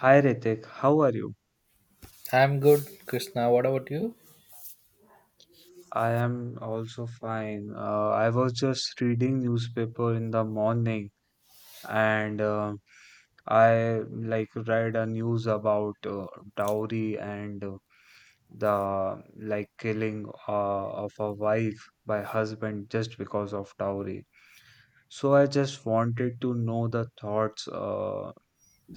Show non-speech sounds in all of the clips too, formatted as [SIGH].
Hi Ritik, how are you? I'm good, Krishna. What about you? I am also fine. I was just reading newspaper in the morning and I like read a news about dowry and the like killing of a wife by husband just because of dowry. So I just wanted to know the thoughts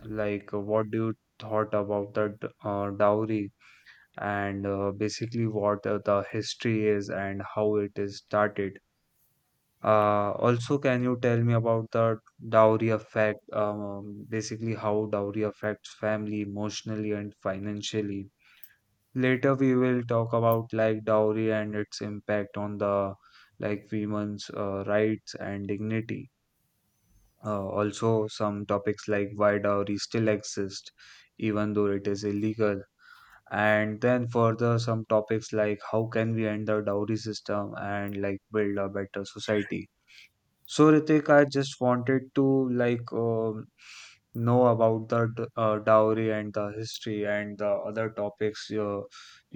like what do you thought about the dowry? And basically what the history is and how it is started. Also, can you tell me about the dowry effect? Basically, how dowry affects family emotionally and financially. Later, we will talk about like dowry and its impact on the like women's rights and dignity. Also, some topics like why dowry still exists, even though it is illegal, and then further some topics like how can we end the dowry system and like build a better society. So Ritik, I just wanted to like know about the dowry and the history and the other topics,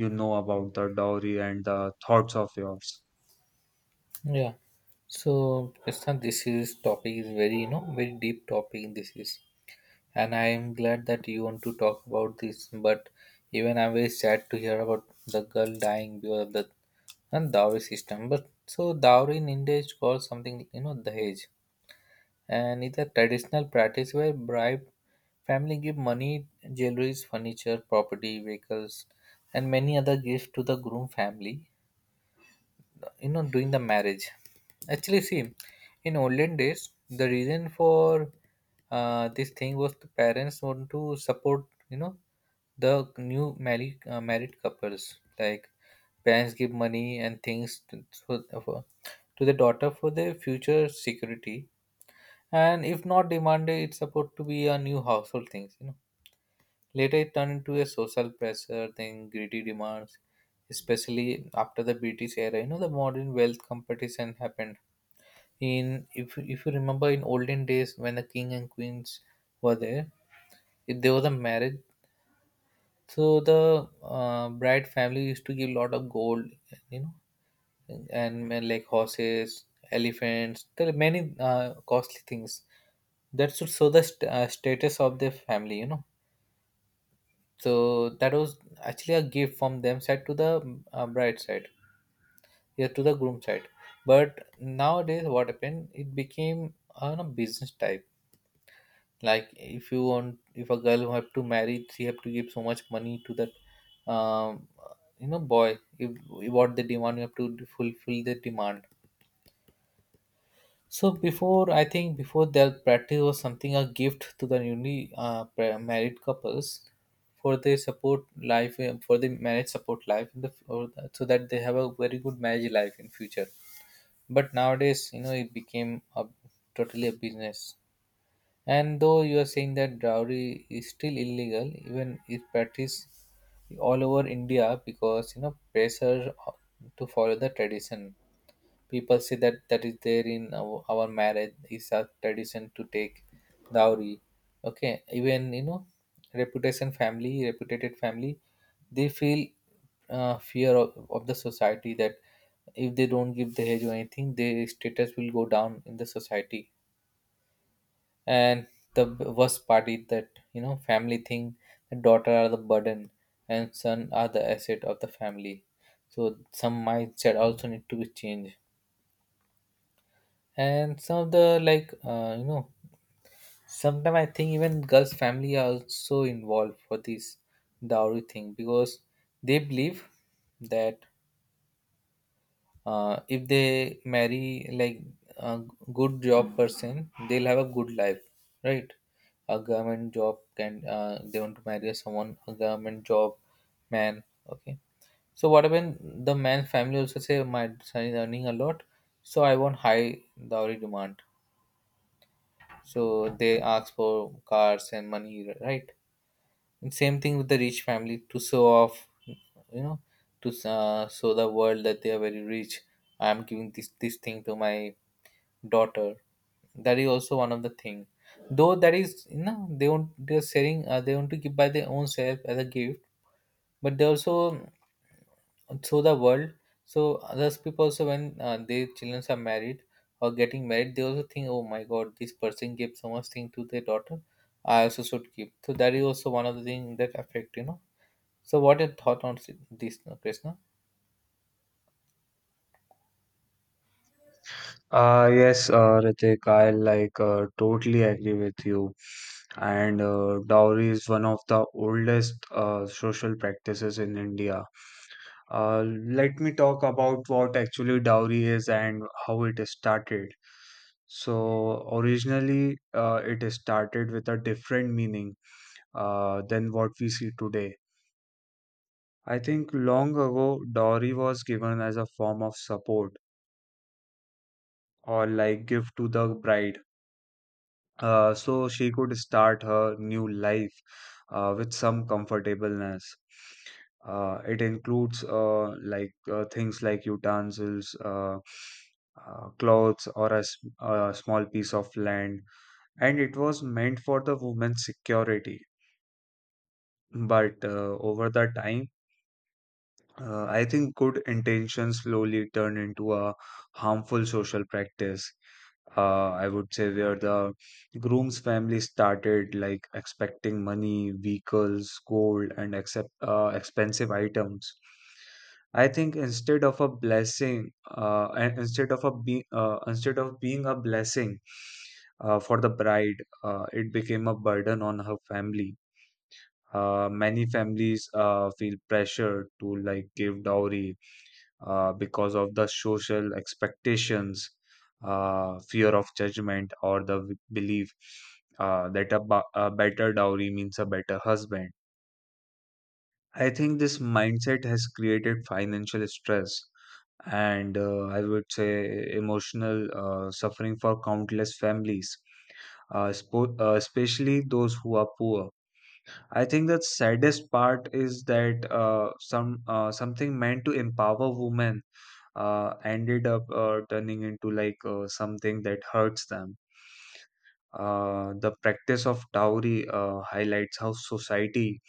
you know about the dowry and the thoughts of yours. Yeah. So, Krishna, this is topic is very very deep topic. And I am glad that you want to talk about this. But even I'm very sad to hear about the girl dying because of the and dowry system. But so dowry in India is called something dahej, and it's a traditional practice where bribe family give money, jewelries, furniture, property, vehicles, and many other gifts to the groom family doing the marriage, actually. See, in olden days, the reason for this thing was the parents want to support the new married married couples. Like parents give money and things to the daughter for their future security, and if not demanded, it's supposed to be a new household things, Later, it turned into a social pressure thing, greedy demands, especially after the British era. You know, the modern wealth competition happened. In if you remember, in olden days when the king and queens were there, if there was a marriage, so the bride family used to give a lot of gold, you know, and, and like horses, elephants, there are many costly things that should show the status of the family, you know. So that was actually a gift from them side to the bride side, yeah, to the groom side. But nowadays, what happened? It became a business type. Like if you want, if a girl have to marry, she have to give so much money to that, you know, boy. If what they demand, you have to fulfill the demand. So before, I think before that practice was something a gift to the newly married couples for their support life for the marriage support life in the or the- so that they have a very good marriage life in future. But nowadays, you know, it became a, totally a business. And though you are saying that dowry is still illegal, even if practiced all over India because you know pressure to follow the tradition, people say that that is there in our marriage is a tradition to take dowry. Okay, even you know reputation family, reputed family, they feel fear of the society that if they don't give the hedge or anything, their status will go down in the society. And the worst part is that you know family thing, the daughter are the burden and son are the asset of the family. So some mindset also need to be changed. And some of the like you know, sometimes I think even girls family are also involved for this dowry thing because they believe that if they marry like a good job person, they'll have a good life, right? A government job, can they want to marry someone a government job man. Okay, so what happened? The man's family also say my son is earning a lot, so I want high dowry demand. So they ask for cars and money, right? And same thing with the rich family to show off, you know, to show the world that they are very rich. I am giving this thing to my daughter. That is also one of the thing, though that is you know they want, they are sharing, they want to give by their own self as a gift, but they also through the world. So others people also when their children are married or getting married, they also think, oh my god, this person gave so much thing to their daughter. I also should give. So that is also one of the things that affect you know. So what your thought on this, Krishna? Yes, Ritik, I like totally agree with you, and dowry is one of the oldest social practices in India. Uh, Let me talk about what actually dowry is and how it started. So, originally, it started with a different meaning than what we see today. I think long ago, dowry was given as a form of support or like gift to the bride, so she could start her new life with some comfortableness. It includes things like utensils, clothes, or a small piece of land, and it was meant for the woman's security. But over the time, I think good intentions slowly turn into a harmful social practice. I would say where the groom's family started like expecting money, vehicles, gold, and expensive items. I think instead of a blessing, and instead of a be instead of being a blessing for the bride, it became a burden on her family. Many families feel pressure to like give dowry because of the social expectations, fear of judgment, or the belief that a better dowry means a better husband. I think this mindset has created financial stress and I would say emotional suffering for countless families, especially those who are poor. I think the saddest part is that something meant to empower women ended up turning into like something that hurts them. The practice of dowry highlights how society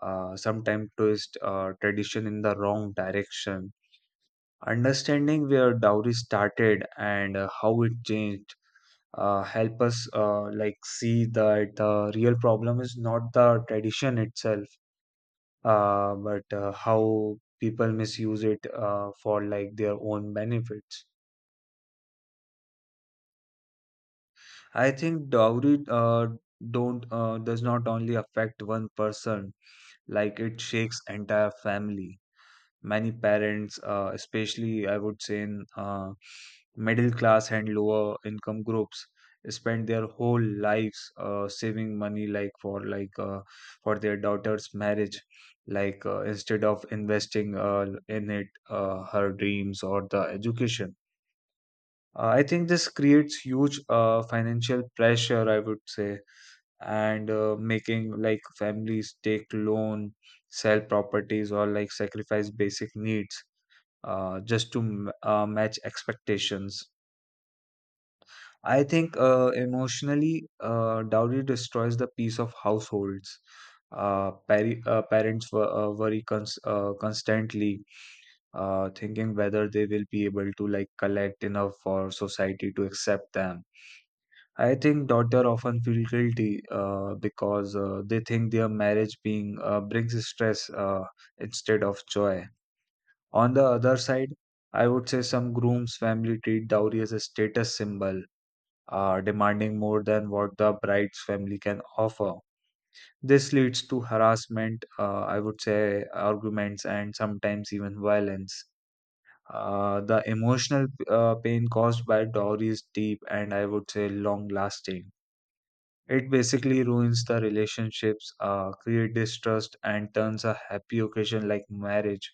sometimes twists tradition in the wrong direction. Understanding where dowry started and how it changed help us like see that the real problem is not the tradition itself, but how people misuse it for like their own benefits. I think dowry don't does not only affect one person, like it shakes entire family. Many parents, especially I would say in middle class and lower income groups, spend their whole lives saving money like for their daughter's marriage, instead of investing in it her dreams or the education. I think this creates huge financial pressure, I would say, and making like families take loan, sell properties, or like sacrifice basic needs, just to match expectations. I think emotionally, dowry destroys the peace of households, parents were worry, constantly thinking whether they will be able to like collect enough for society to accept them. I think daughter often feel guilty because they think their marriage being brings stress instead of joy. On the other side, I would say some groom's family treat dowry as a status symbol, demanding more than what the bride's family can offer. This leads to harassment, I would say arguments, and sometimes even violence. The emotional pain caused by dowry is deep and I would say long lasting. It basically ruins the relationships, create distrust, and turns a happy occasion like marriage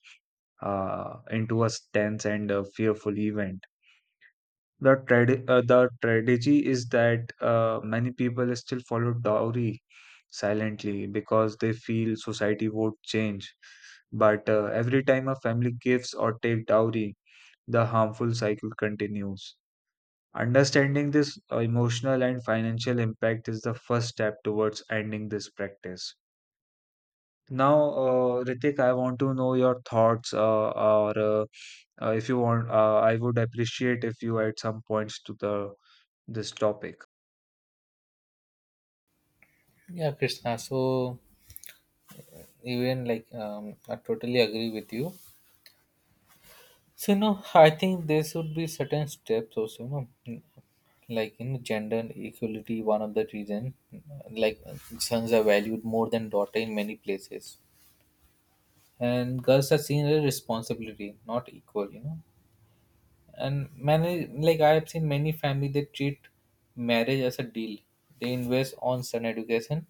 into a tense and a fearful event. The tragedy is that many people still follow dowry silently because they feel society won't change. But every time a family gives or takes dowry, the harmful cycle continues. Understanding this emotional and financial impact is the first step towards ending this practice. Now, Ritik, I want to know your thoughts, or if you want, I would appreciate if you add some points to the this topic. Yeah, Krishna. So even like I totally agree with you. So you know, I think there should be certain steps also. You know, like you know, gender equality, one of the reason. Like sons are valued more than daughter in many places, and girls are seen as a responsibility, not equal, you know. And many, like I have seen many family they treat marriage as a deal. They invest on son education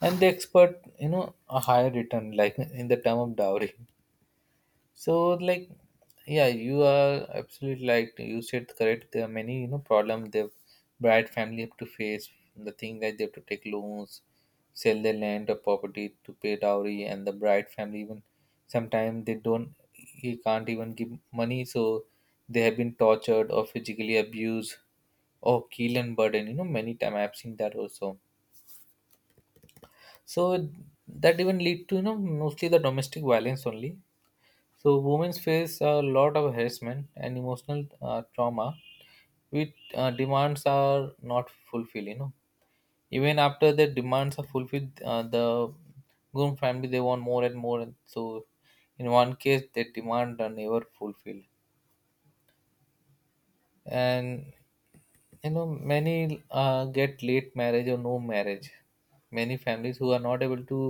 and they expect you know a higher return like in the term of dowry. So like, yeah, you are absolutely like you said correct. There are many, you know, problem the bride family have to face. The thing that they have to take loans, sell their land or property to pay dowry, and the bride family even sometimes they don't, he can't even give money, so they have been tortured or physically abused or killed and burdened. You know, many time I've seen that also. So that even lead to you know mostly the domestic violence only. So women face a lot of harassment and emotional trauma, which demands are not fulfilled. You know, even after the demands are fulfilled, the groom family they want more and more. And so, in one case, their demand are never fulfilled. And you know many get late marriage or no marriage. Many families who are not able to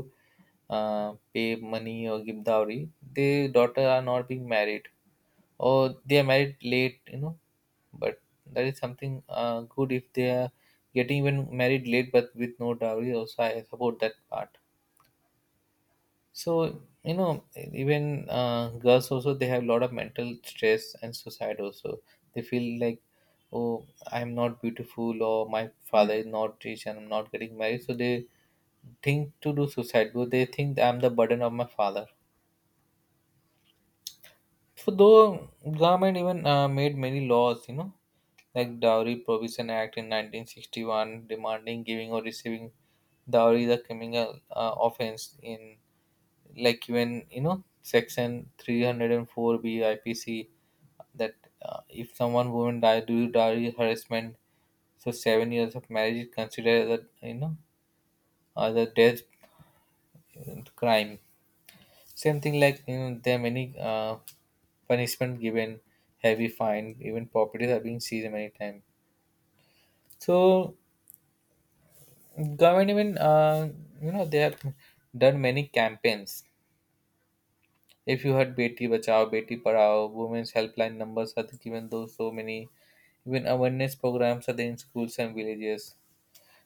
pay money or give dowry, their daughter are not being married or they are married late, you know. But that is something good if they are getting even married late but with no dowry, also I support that part. So you know, even girls also they have a lot of mental stress and suicide. Also, they feel like, oh, I'm not beautiful, or my father is not rich, and I'm not getting married. So they think to do suicide, but they think I'm the burden of my father. So though government even made many laws, you know, like Dowry Provision Act in 1961, demanding giving or receiving dowry is a criminal offense in like when you know section 304 BIPC, that if someone woman die due to dowry harassment, so 7 years of marriage is considered as a you know as a death crime. Same thing, like you know there are many punishment given, heavy fine, even properties are being seized many times. So government even you know they have done many campaigns. If you heard Beti Bachao, Beti Parao, women's helpline numbers are given though so many. Even awareness programs are there in schools and villages.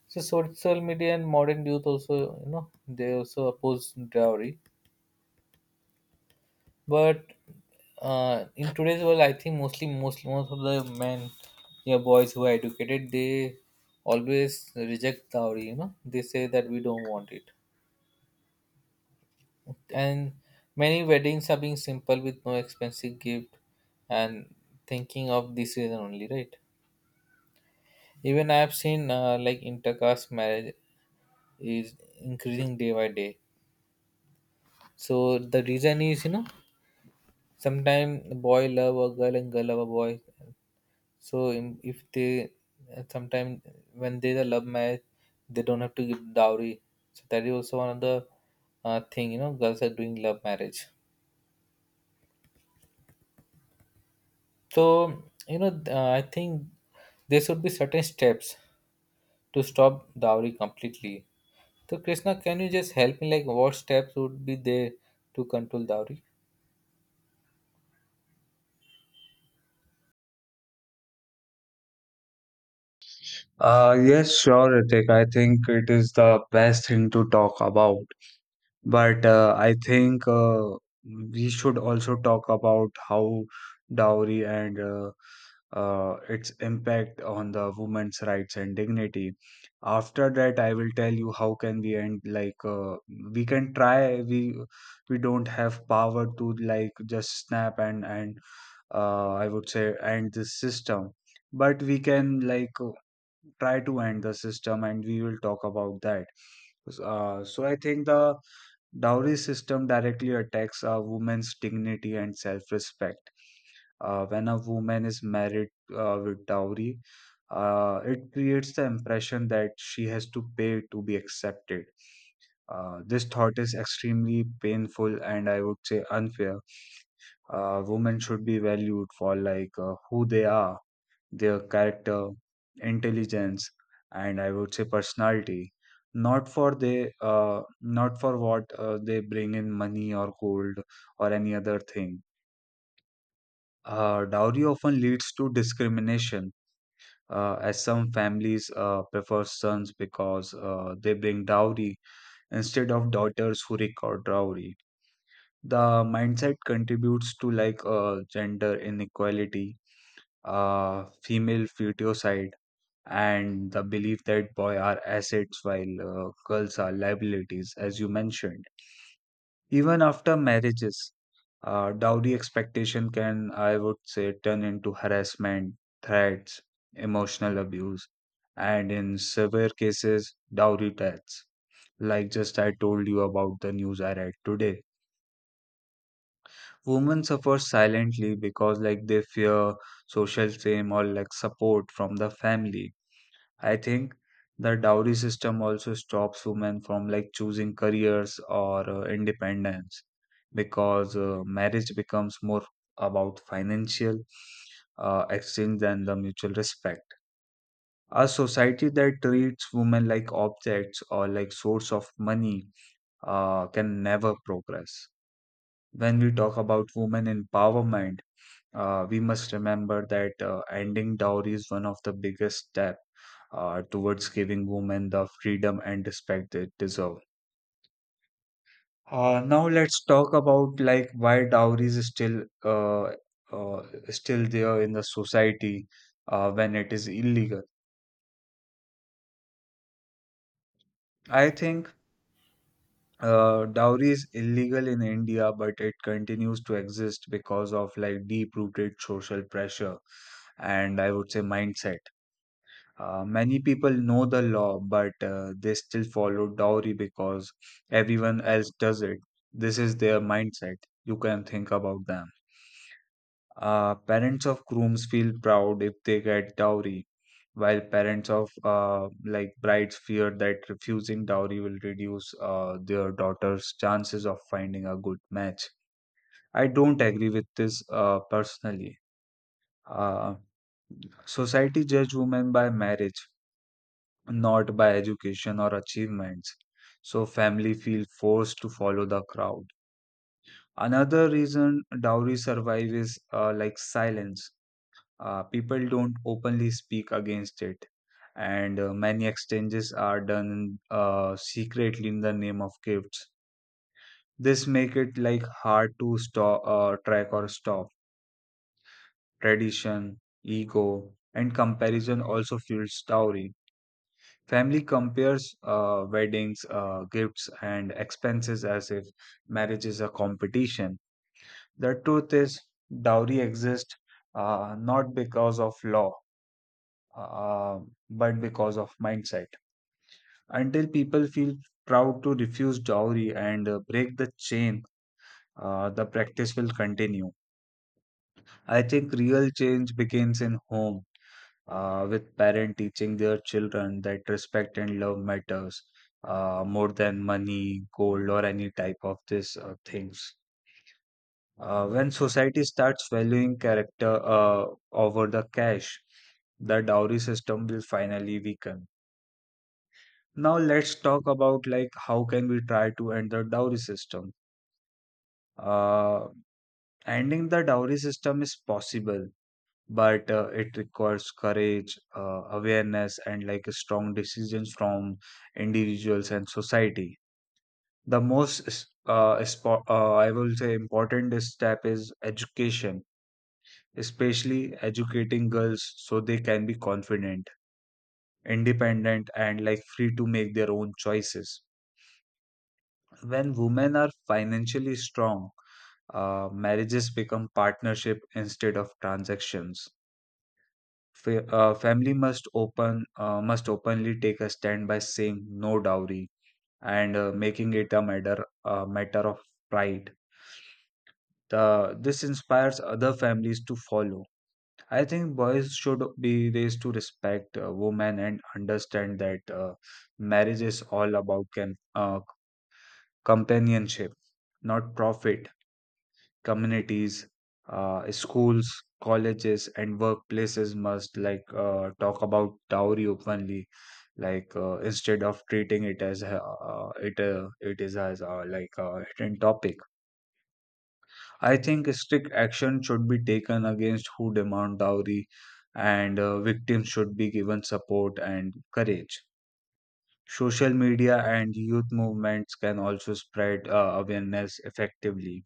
So social media and modern youth also, you know, they also oppose dowry. But in today's world, I think mostly most of the men, yeah, boys who are educated, they always reject dowry. You know, they say that we don't want it. And many weddings are being simple with no expensive gift and thinking of this reason only, right? Even I have seen like intercaste marriage is increasing day by day. So the reason is you know, sometimes boy love a girl and girl love a boy. So im- if they sometimes when there's a love marriage, they don't have to give dowry. So that is also one of the thing, you know, girls are doing love marriage. So, you know, I think there should be certain steps to stop dowry completely. So, Krishna, can you just help me? Like, what steps would be there to control dowry? Yes, sure, Ritik. I think it is the best thing to talk about. But I think we should also talk about how dowry and its impact on the women's rights and dignity. After that, I will tell you how can we end. Like we can try. We don't have power to like just snap and I would say end this system. But we can like try to end the system, and we will talk about that. So I think the dowry system directly attacks a woman's dignity and self-respect. When a woman is married with dowry, it creates the impression that she has to pay to be accepted. This thought is extremely painful and I would say unfair. Women should be valued for like who they are, their character, intelligence, and I would say personality, not for what they bring in money or gold or any other thing. Dowry often leads to discrimination, as some families prefer sons because they bring dowry instead of daughters who record dowry. The mindset contributes to like gender inequality, female feticide, and the belief that boy are assets while girls are liabilities, as you mentioned. Even after marriages, dowry expectation can, I would say, turn into harassment, threats, emotional abuse, and in severe cases, dowry tax. Like just I told you about the news I read today. Women suffer silently because like they fear social shame or like support from the family. I think the dowry system also stops women from like choosing careers or independence because marriage becomes more about financial exchange than the mutual respect. A society that treats women like objects or like source of money can never progress. When we talk about women empowerment, we must remember that ending dowry is one of the biggest step towards giving women the freedom and respect they deserve. Now let's talk about like why dowry is still uh, still there in the society when it is illegal. I think dowry is illegal in India, but it continues to exist because of like deep-rooted social pressure and I would say mindset. Many people know the law, but they still follow dowry because everyone else does it. This is their mindset. You can think about them. Parents of grooms feel proud if they get dowry, while parents of like brides fear that refusing dowry will reduce their daughter's chances of finding a good match. I don't agree with this personally. Uh, Society judge women by marriage, not by education or achievements. So family feel forced to follow the crowd. Another reason dowry survive is like silence. People don't openly speak against it, and many exchanges are done secretly in the name of gifts. This make it like hard to stop, track, or stop. Tradition, ego, and comparison also fuels dowry. Family compares weddings, gifts, and expenses as if marriage is a competition. The truth is, dowry exists not because of law, uh, but because of mindset. Until people feel proud to refuse dowry and break the chain, the practice will continue. I think real change begins in home, with parent teaching their children that respect and love matters more than money, gold, or any type of this things. When society starts valuing character over the cash, the dowry system will finally weaken. Now let's talk about like how can we try to end the dowry system. Uh, Ending the dowry system is possible, but it requires courage, awareness, and like strong decisions from individuals and society. The most I will say important step is education, especially educating girls so they can be confident, independent, and like free to make their own choices. When women are financially strong, marriages become partnership instead of transactions. Family must open must openly take a stand by saying no dowry and making it a matter of pride. This inspires other families to follow. I think boys should be raised to respect women and understand that marriage is all about companionship, not profit. Communities, schools, colleges, and workplaces must like talk about dowry openly, like instead of treating it as it is as like a hidden topic. I think strict action should be taken against who demand dowry, and victims should be given support and courage. Social media and youth movements can also spread awareness effectively.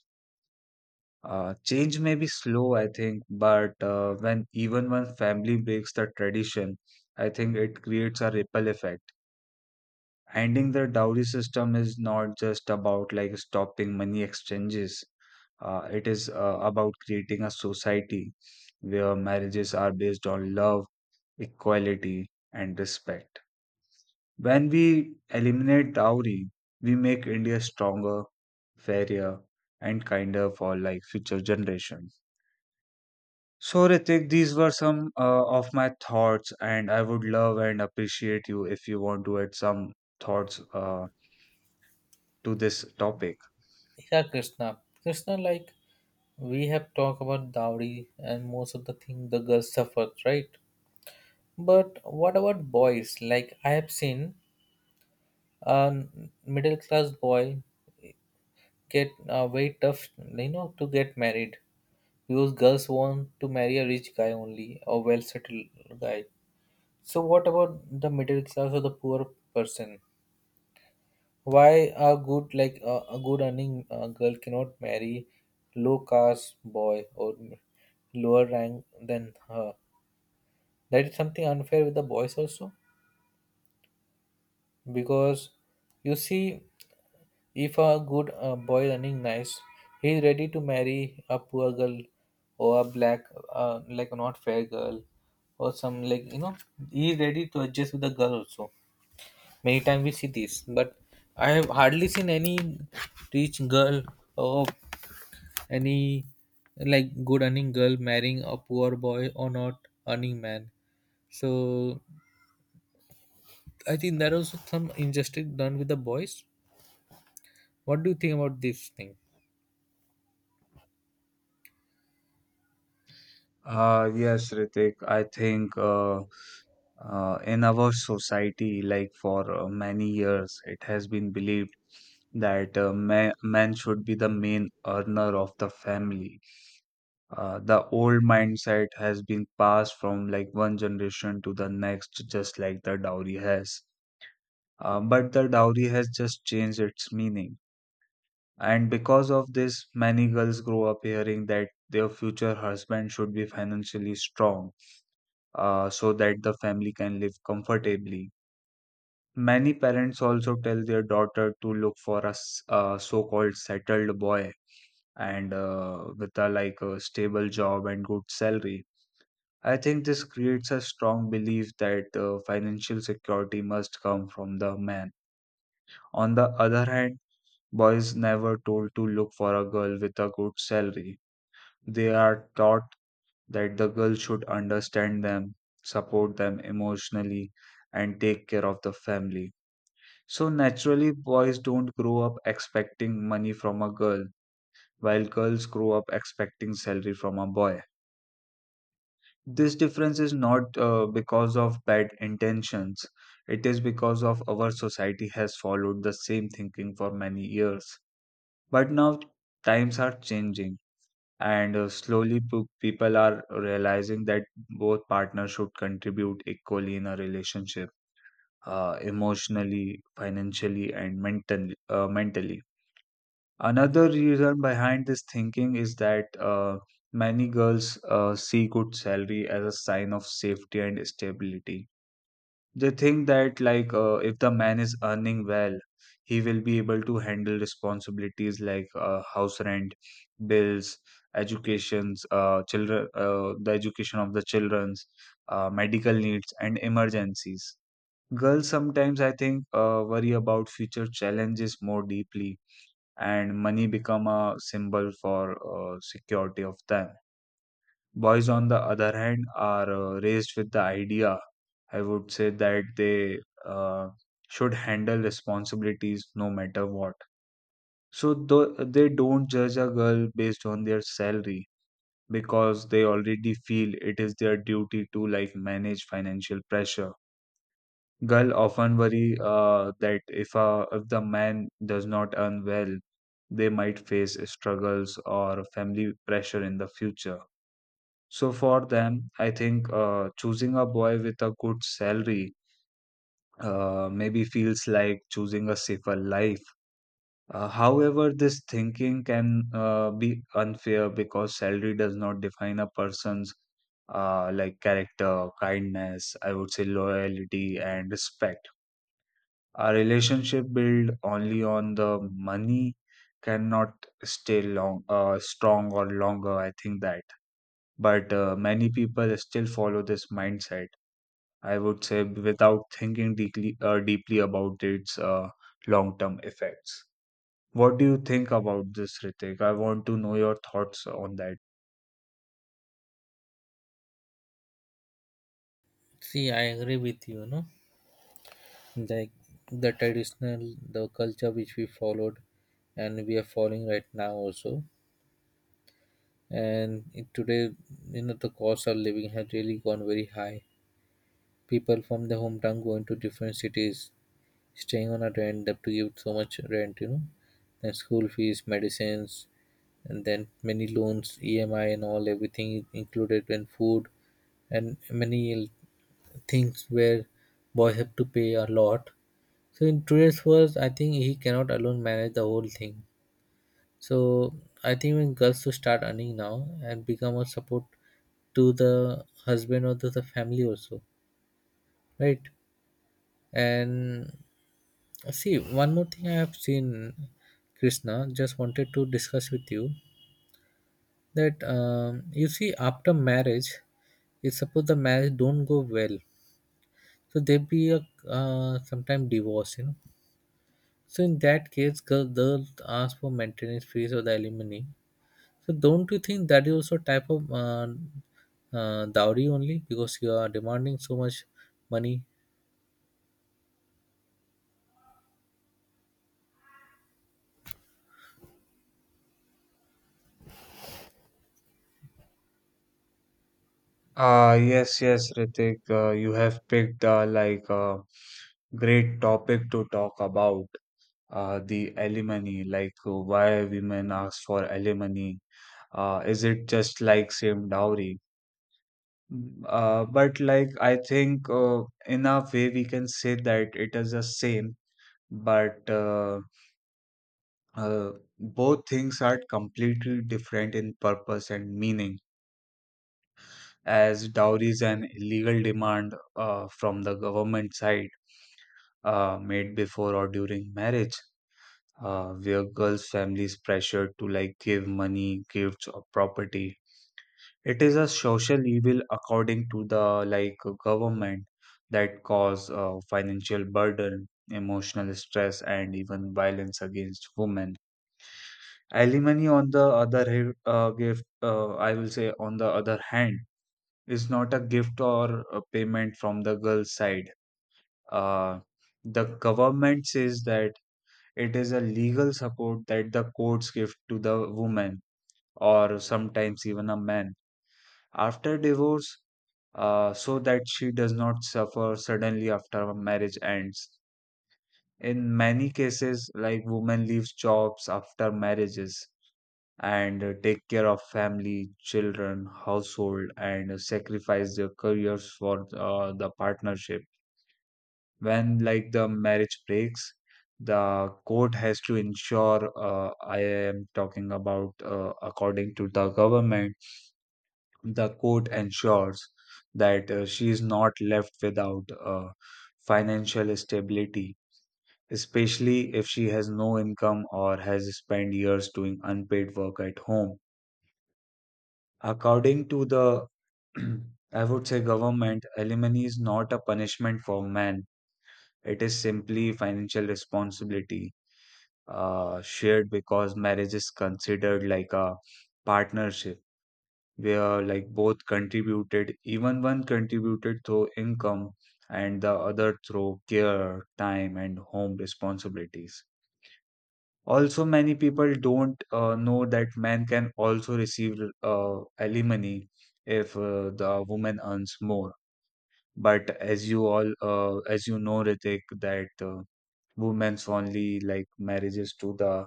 Change may be slow, I think, but when even when family breaks the tradition, I think it creates a ripple effect. Ending the dowry system is not just about like stopping money exchanges. It is about creating a society where marriages are based on love, equality, and respect. When we eliminate dowry, we make India stronger, fairer, and kinder for like future generations. So, Ritik, these were some of my thoughts, and I would love and appreciate you if you want to add some thoughts to this topic. Yeah, Krishna. Krishna, like, we have talked about dowry and most of the thing the girls suffer, right? But what about boys? Like, I have seen a middle class boy get very tough, you know, to get married because girls want to marry a rich guy only or well settled guy. So what about the middle class or the poor person? Why a good like a good earning girl cannot marry low caste boy or lower rank than her? That is something unfair with the boys also because you see, if a good boy running nice, he is ready to marry a poor girl or a black, like not fair girl, or some like you know he is ready to adjust with the girl also. Many times we see this, but I have hardly seen any rich girl or any like good earning girl marrying a poor boy or not earning man. So I think there was some injustice done with the boys. What do you think about this thing? Yes, Ritik, I think in our society, like for many years, it has been believed that ma man should be the main earner of the family. The old mindset has been passed from like one generation to the next, just like the dowry has. But the dowry has just changed its meaning. And because of this, many girls grow up hearing that their future husband should be financially strong so that the family can live comfortably. Many parents also tell their daughter to look for a so-called settled boy and with a like a stable job and good salary. I think this creates a strong belief that financial security must come from the man. On the other hand, boys never told to look for a girl with a good salary. They are taught that the girl should understand them, support them emotionally, and take care of the family. So naturally, boys don't grow up expecting money from a girl, while girls grow up expecting salary from a boy. This difference is not because of bad intentions, it is because of our society has followed the same thinking for many years. But now times are changing and slowly people are realizing that both partners should contribute equally in a relationship emotionally financially and mentally. Another reason behind this thinking is that many girls see good salary as a sign of safety and stability. They think that like if the man is earning well, he will be able to handle responsibilities like house rent, bills, educations, the education of the children's, medical needs, and emergencies. Girls sometimes I think worry about future challenges more deeply, and money become a symbol for security of them. Boys, on the other hand, are raised with the idea, I would say, that they uh, should handle responsibilities no matter what. So they don't judge a girl based on their salary because they already feel it is their duty to like manage financial pressure. Girl often worry that if the man does not earn well, they might face struggles or family pressure in the future. So for them, I think choosing a boy with a good salary maybe feels like choosing a safer life. However, this thinking can be unfair because salary does not define a person's like character, kindness, I would say loyalty and respect. A relationship built only on the money cannot stay long, strong or longer. I think that, but many people still follow this mindset I would say, without thinking deeply about its long term effects. What do you think about this, Ritik? I want to know your thoughts on that. See, I agree with you, no? Like, the traditional, the culture which we followed, and we are following right now also. And today, you know, the cost of living has really gone very high. People from the hometown going to different cities, staying on a rent, they have to give so much rent, you know. Then school fees, medicines, and then many loans, emi and all, everything included, and food, and many things where boys have to pay a lot. So in today's world, I think he cannot alone manage the whole thing. So I think when girls to start earning now and become a support to the husband or to the family also, right? And see, one more thing I have seen, Krishna, just wanted to discuss with you that you see, after marriage, if suppose the marriage don't go well, so there be a sometime divorce, you know. So in that case, girls ask for maintenance fees or the alimony. So don't you think that is also type of dowry only because you are demanding so much money? Ah yes, yes, Ritik, you have picked like a great topic to talk about the alimony, like why women ask for alimony. Is it just like same dowry? Mm. But like I think in a way we can say that it is the same. But uh, both things are completely different in purpose and meaning, as dowry is an illegal demand from the government side made before or during marriage, where girls' families pressured to like give money, gifts, or property. It is a social evil according to the like government that cause financial burden, emotional stress, and even violence against women. Alimony, on the other hand, I will say, on the other hand, is not a gift or a payment from the girl's side. Uh, the government says that it is a legal support that the courts give to the woman or sometimes even a man after divorce, so that she does not suffer suddenly after a marriage ends. In many cases, like women leaves jobs after marriages and take care of family, children, household, and sacrifice their careers for the partnership. When like the marriage breaks, the court has to ensure. I am talking about according to the government, the court ensures that she is not left without financial stability. Especially if she has no income or has spent years doing unpaid work at home. According to the [CLEARS THROAT] I would say, government, alimony is not a punishment for man. It is simply financial responsibility shared because marriage is considered like a partnership where like both contributed, even one contributed through income and the other through care, time, and home responsibilities. Also, many people don't know that men can also receive alimony if the woman earns more. But as you all, as you know, Ritik, that women's only like marriages to the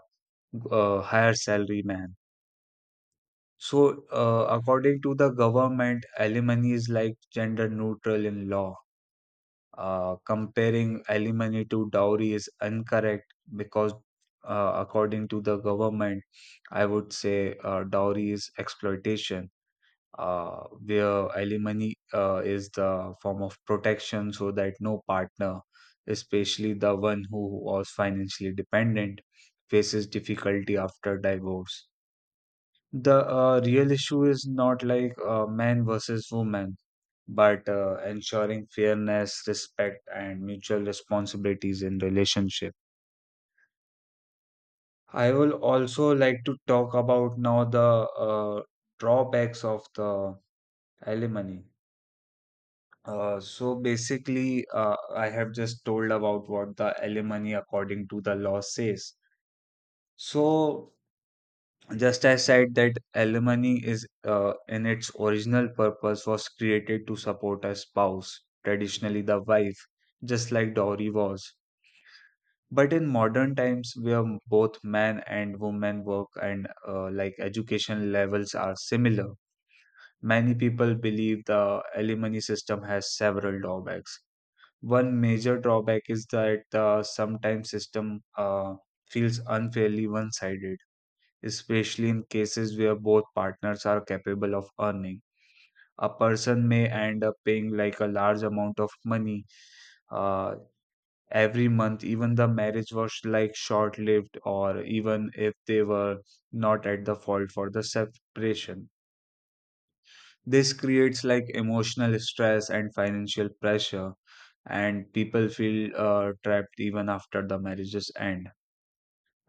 higher salary man. So, according to the government, alimony is like gender neutral in law. Comparing alimony to dowry is incorrect because, according to the government, I would say dowry is exploitation, where alimony is the form of protection so that no partner, especially the one who was financially dependent, faces difficulty after divorce. The real issue is not like men versus women, but ensuring fairness, respect, and mutual responsibilities in relationship. I will also like to talk about now the uh, drawbacks of the alimony. So basically, I have just told about what the alimony according to the law says. So just as said that alimony is in its original purpose was created to support a spouse, traditionally the wife, just like dowry was. But in modern times, where both men and women work and like education levels are similar, many people believe the alimony system has several drawbacks. One major drawback is that the sometimes system feels unfairly one-sided especially in cases where both partners are capable of earning. A person may end up paying like a large amount of money uh, every month, even the marriage was like short lived, or even if they were not at the fault for the separation. This creates like emotional stress and financial pressure, and people feel trapped even after the marriages end.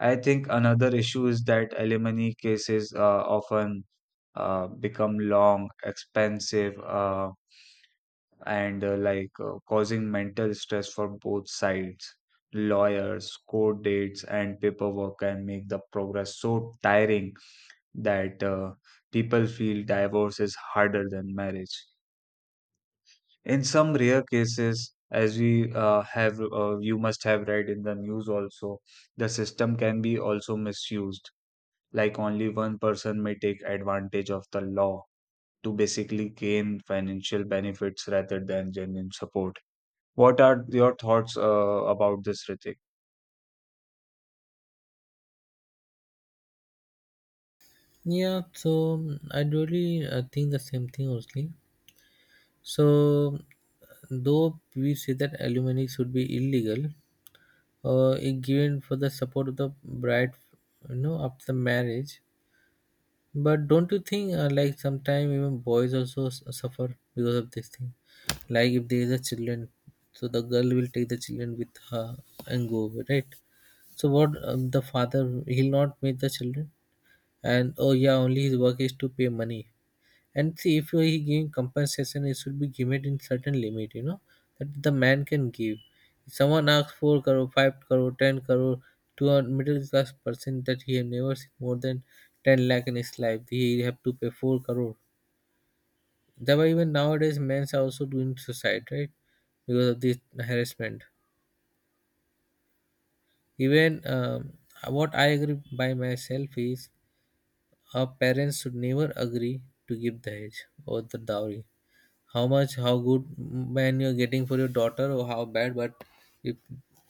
I think another issue is that alimony cases often become long, expensive, and causing mental stress for both sides. Lawyers, court dates, and paperwork can make the progress so tiring that people feel divorce is harder than marriage. In some rare cases, as we you must have read in the news also, the system can be also misused. Like only one person may take advantage of the law to basically gain financial benefits rather than genuine support. What are your thoughts about this, Ritik? Yeah, so I really think the same thing only. So, though we say that alimony should be illegal, it given for the support of the bride, you know, after marriage. But don't you think, like, sometimes even boys also suffer because of this thing? Like, if there is a children, so the girl will take the children with her and go away, right? So, what the father, he'll not meet the children, and oh, yeah, only his work is to pay money. And see, if he giving compensation, it should be given in certain limit, you know, that the man can give. If someone asks 4 crore, 5 crore, 10 crore to a middle class person that he have never seen more than 10 lakh in his life, he have to pay 4 crore. That's why even nowadays men are also doing suicide, right? Because of this harassment. Even what I agree by myself is, our parents should never agree to give the age or the dowry. How much, how good man you're getting for your daughter or how bad. But if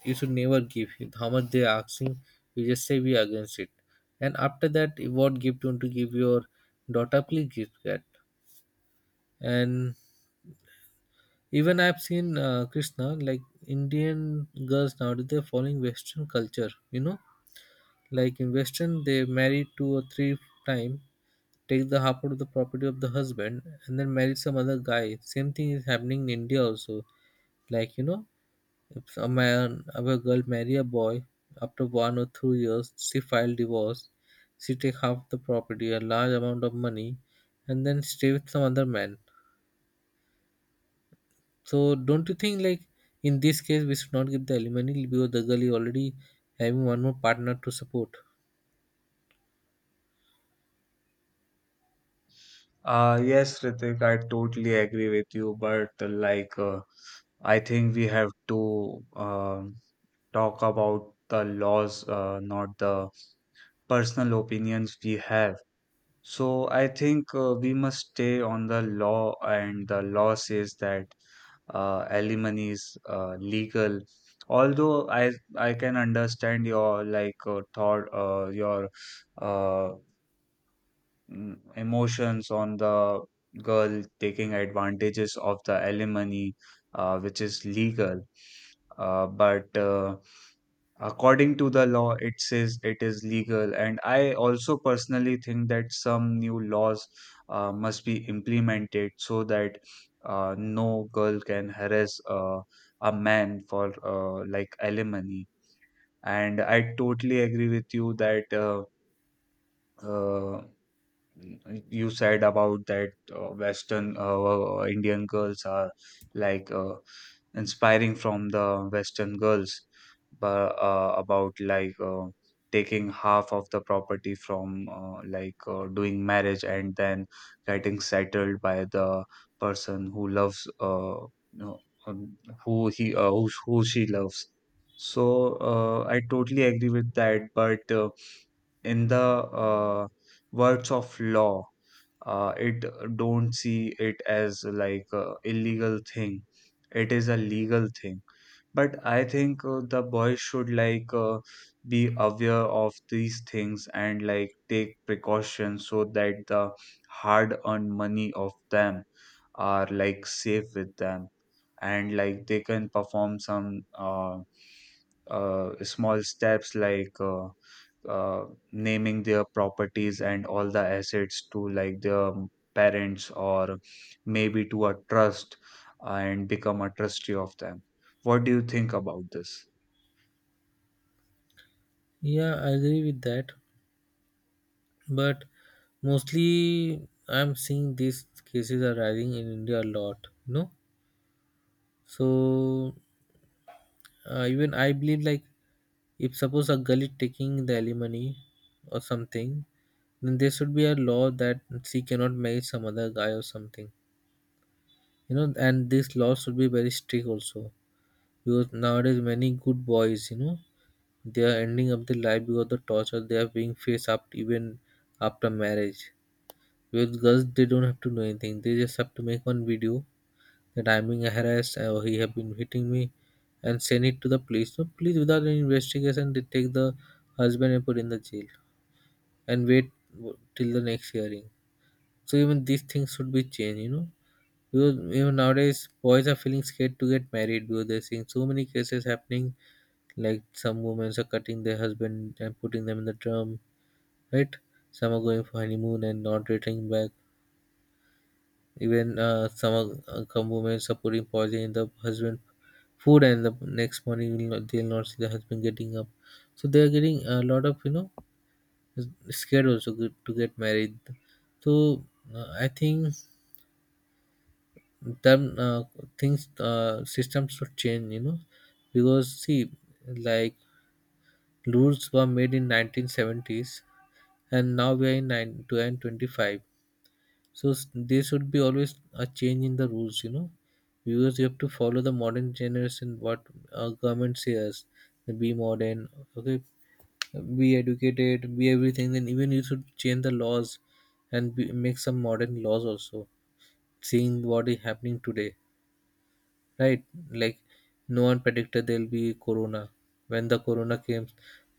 you should never give. If how much they're asking, you just say we are against it. And after that, what gift you want to give your daughter, please give that. And even I've seen, Krishna, like, Indian girls nowadays, they're following Western culture, you know. Like in Western, they marry two or three time, take the half out of the property of the husband, and then marry some other guy. Same thing is happening in India also, like, you know. If a man or a girl marry a boy, after 1 or 2 years, she file divorce. She take half the property, a large amount of money, and then stay with some other man. So don't you think, like, in this case we should not give the alimony because the girl is already having one more partner to support? Yes, Ritik, I totally agree with you, but I think we have to talk about the laws, not the personal opinions we have. So I think we must stay on the law, and the law says that alimony is legal. Although I can understand your like uh, emotions on the girl taking advantages of the alimony, which is legal. But according to the law, it says it is legal. And I also personally think that some new laws must be implemented so that no girl can harass a man for like alimony. And I totally agree with you that. Uh, You said about that Western Indian girls are like inspiring from the Western girls, but about like taking half of the property from like doing marriage and then getting settled by the person who loves you know, um, who who she loves. So I totally agree with that, but. In the uh, works of law it don't see it as like a illegal thing, it is a legal thing, but I think the boys should like be aware of these things and like take precautions so that the hard earned money of them are like safe with them and like they can perform some small steps like uh, naming their properties and all the assets to like their parents or maybe to a trust and become a trustee of them. What do you think about this? Yeah, I agree with that. But mostly I'm seeing these cases are rising in India a lot. You know, so even I believe, like, if suppose a girl is taking the alimony or something, then there should be a law that she cannot marry some other guy or something, you know. And this law should be very strict also, because nowadays many good boys, you know, they are ending up their life because of the torture they are being faced up, even after marriage with girls. They don't have to do anything, they just have to make one video that I'm being harassed or he have been hitting me, and send it to the police. So police, without any investigation, they take the husband and put in the jail and wait till the next hearing. So even these things should be changed, you know. Because even nowadays boys are feeling scared to get married, because they're seeing so many cases happening, like some women are cutting their husband and putting them in the drum, right? Some are going for honeymoon and not returning back. Even some are, some women are putting poison in the husband food, and the next morning will not, they'll not see the husband getting up. So they are getting a lot of, you know, scared also good to get married. So, I think them things systems should change, you know. Because see, like, rules were made in 1970s and now we are in 9 2025. So, there should be always a change in the rules, you know. Because you have to follow the modern generation. What government says, be modern, okay, be educated, be everything, then even you should change the laws and be, make some modern laws also. Seeing what is happening today, right? Like, no one predicted there'll be corona. When the corona came,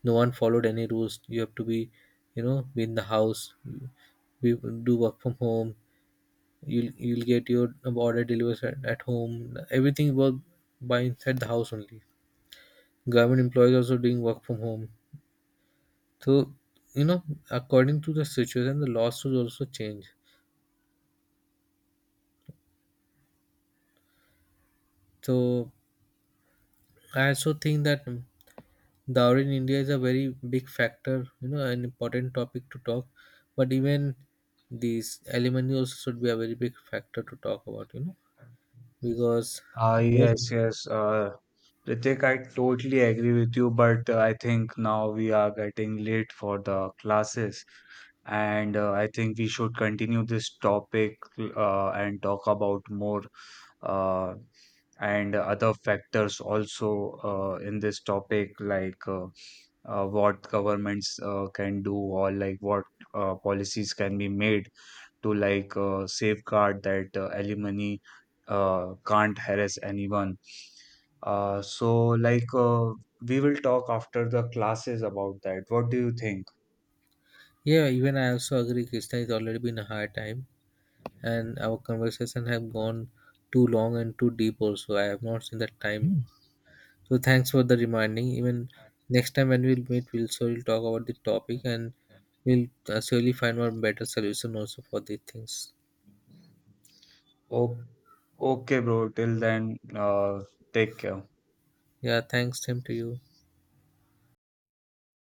no one followed any rules. You have to be, you know, be in the house, we do work from home. You'll get your order delivered at home. Everything work by inside the house only. Government employees also doing work from home. So, you know, according to the situation, the laws will also change. So, I also think that dowry in India is a very big factor, you know, an important topic to talk. But even these alimony also should be a very big factor to talk about, you know, because Ah, most, yes, yes. Ritik, I totally agree with you, but I think now we are getting late for the classes, and I think we should continue this topic and talk about more uh, and other factors also in this topic like what governments can do or like what policies can be made to like safeguard that alimony can't harass anyone. So we will talk after the classes about that. What do you think? yeah, even I also agree, Krishna is already been a hard time and our conversation have gone too long and too deep also. I have not seen that time. So thanks for the reminding. Even next time when we'll meet, we'll surely talk about the topic and we'll surely find one better solution also for these things. Oh, okay, bro. Till then, take care. Yeah, thanks, Tim, to you.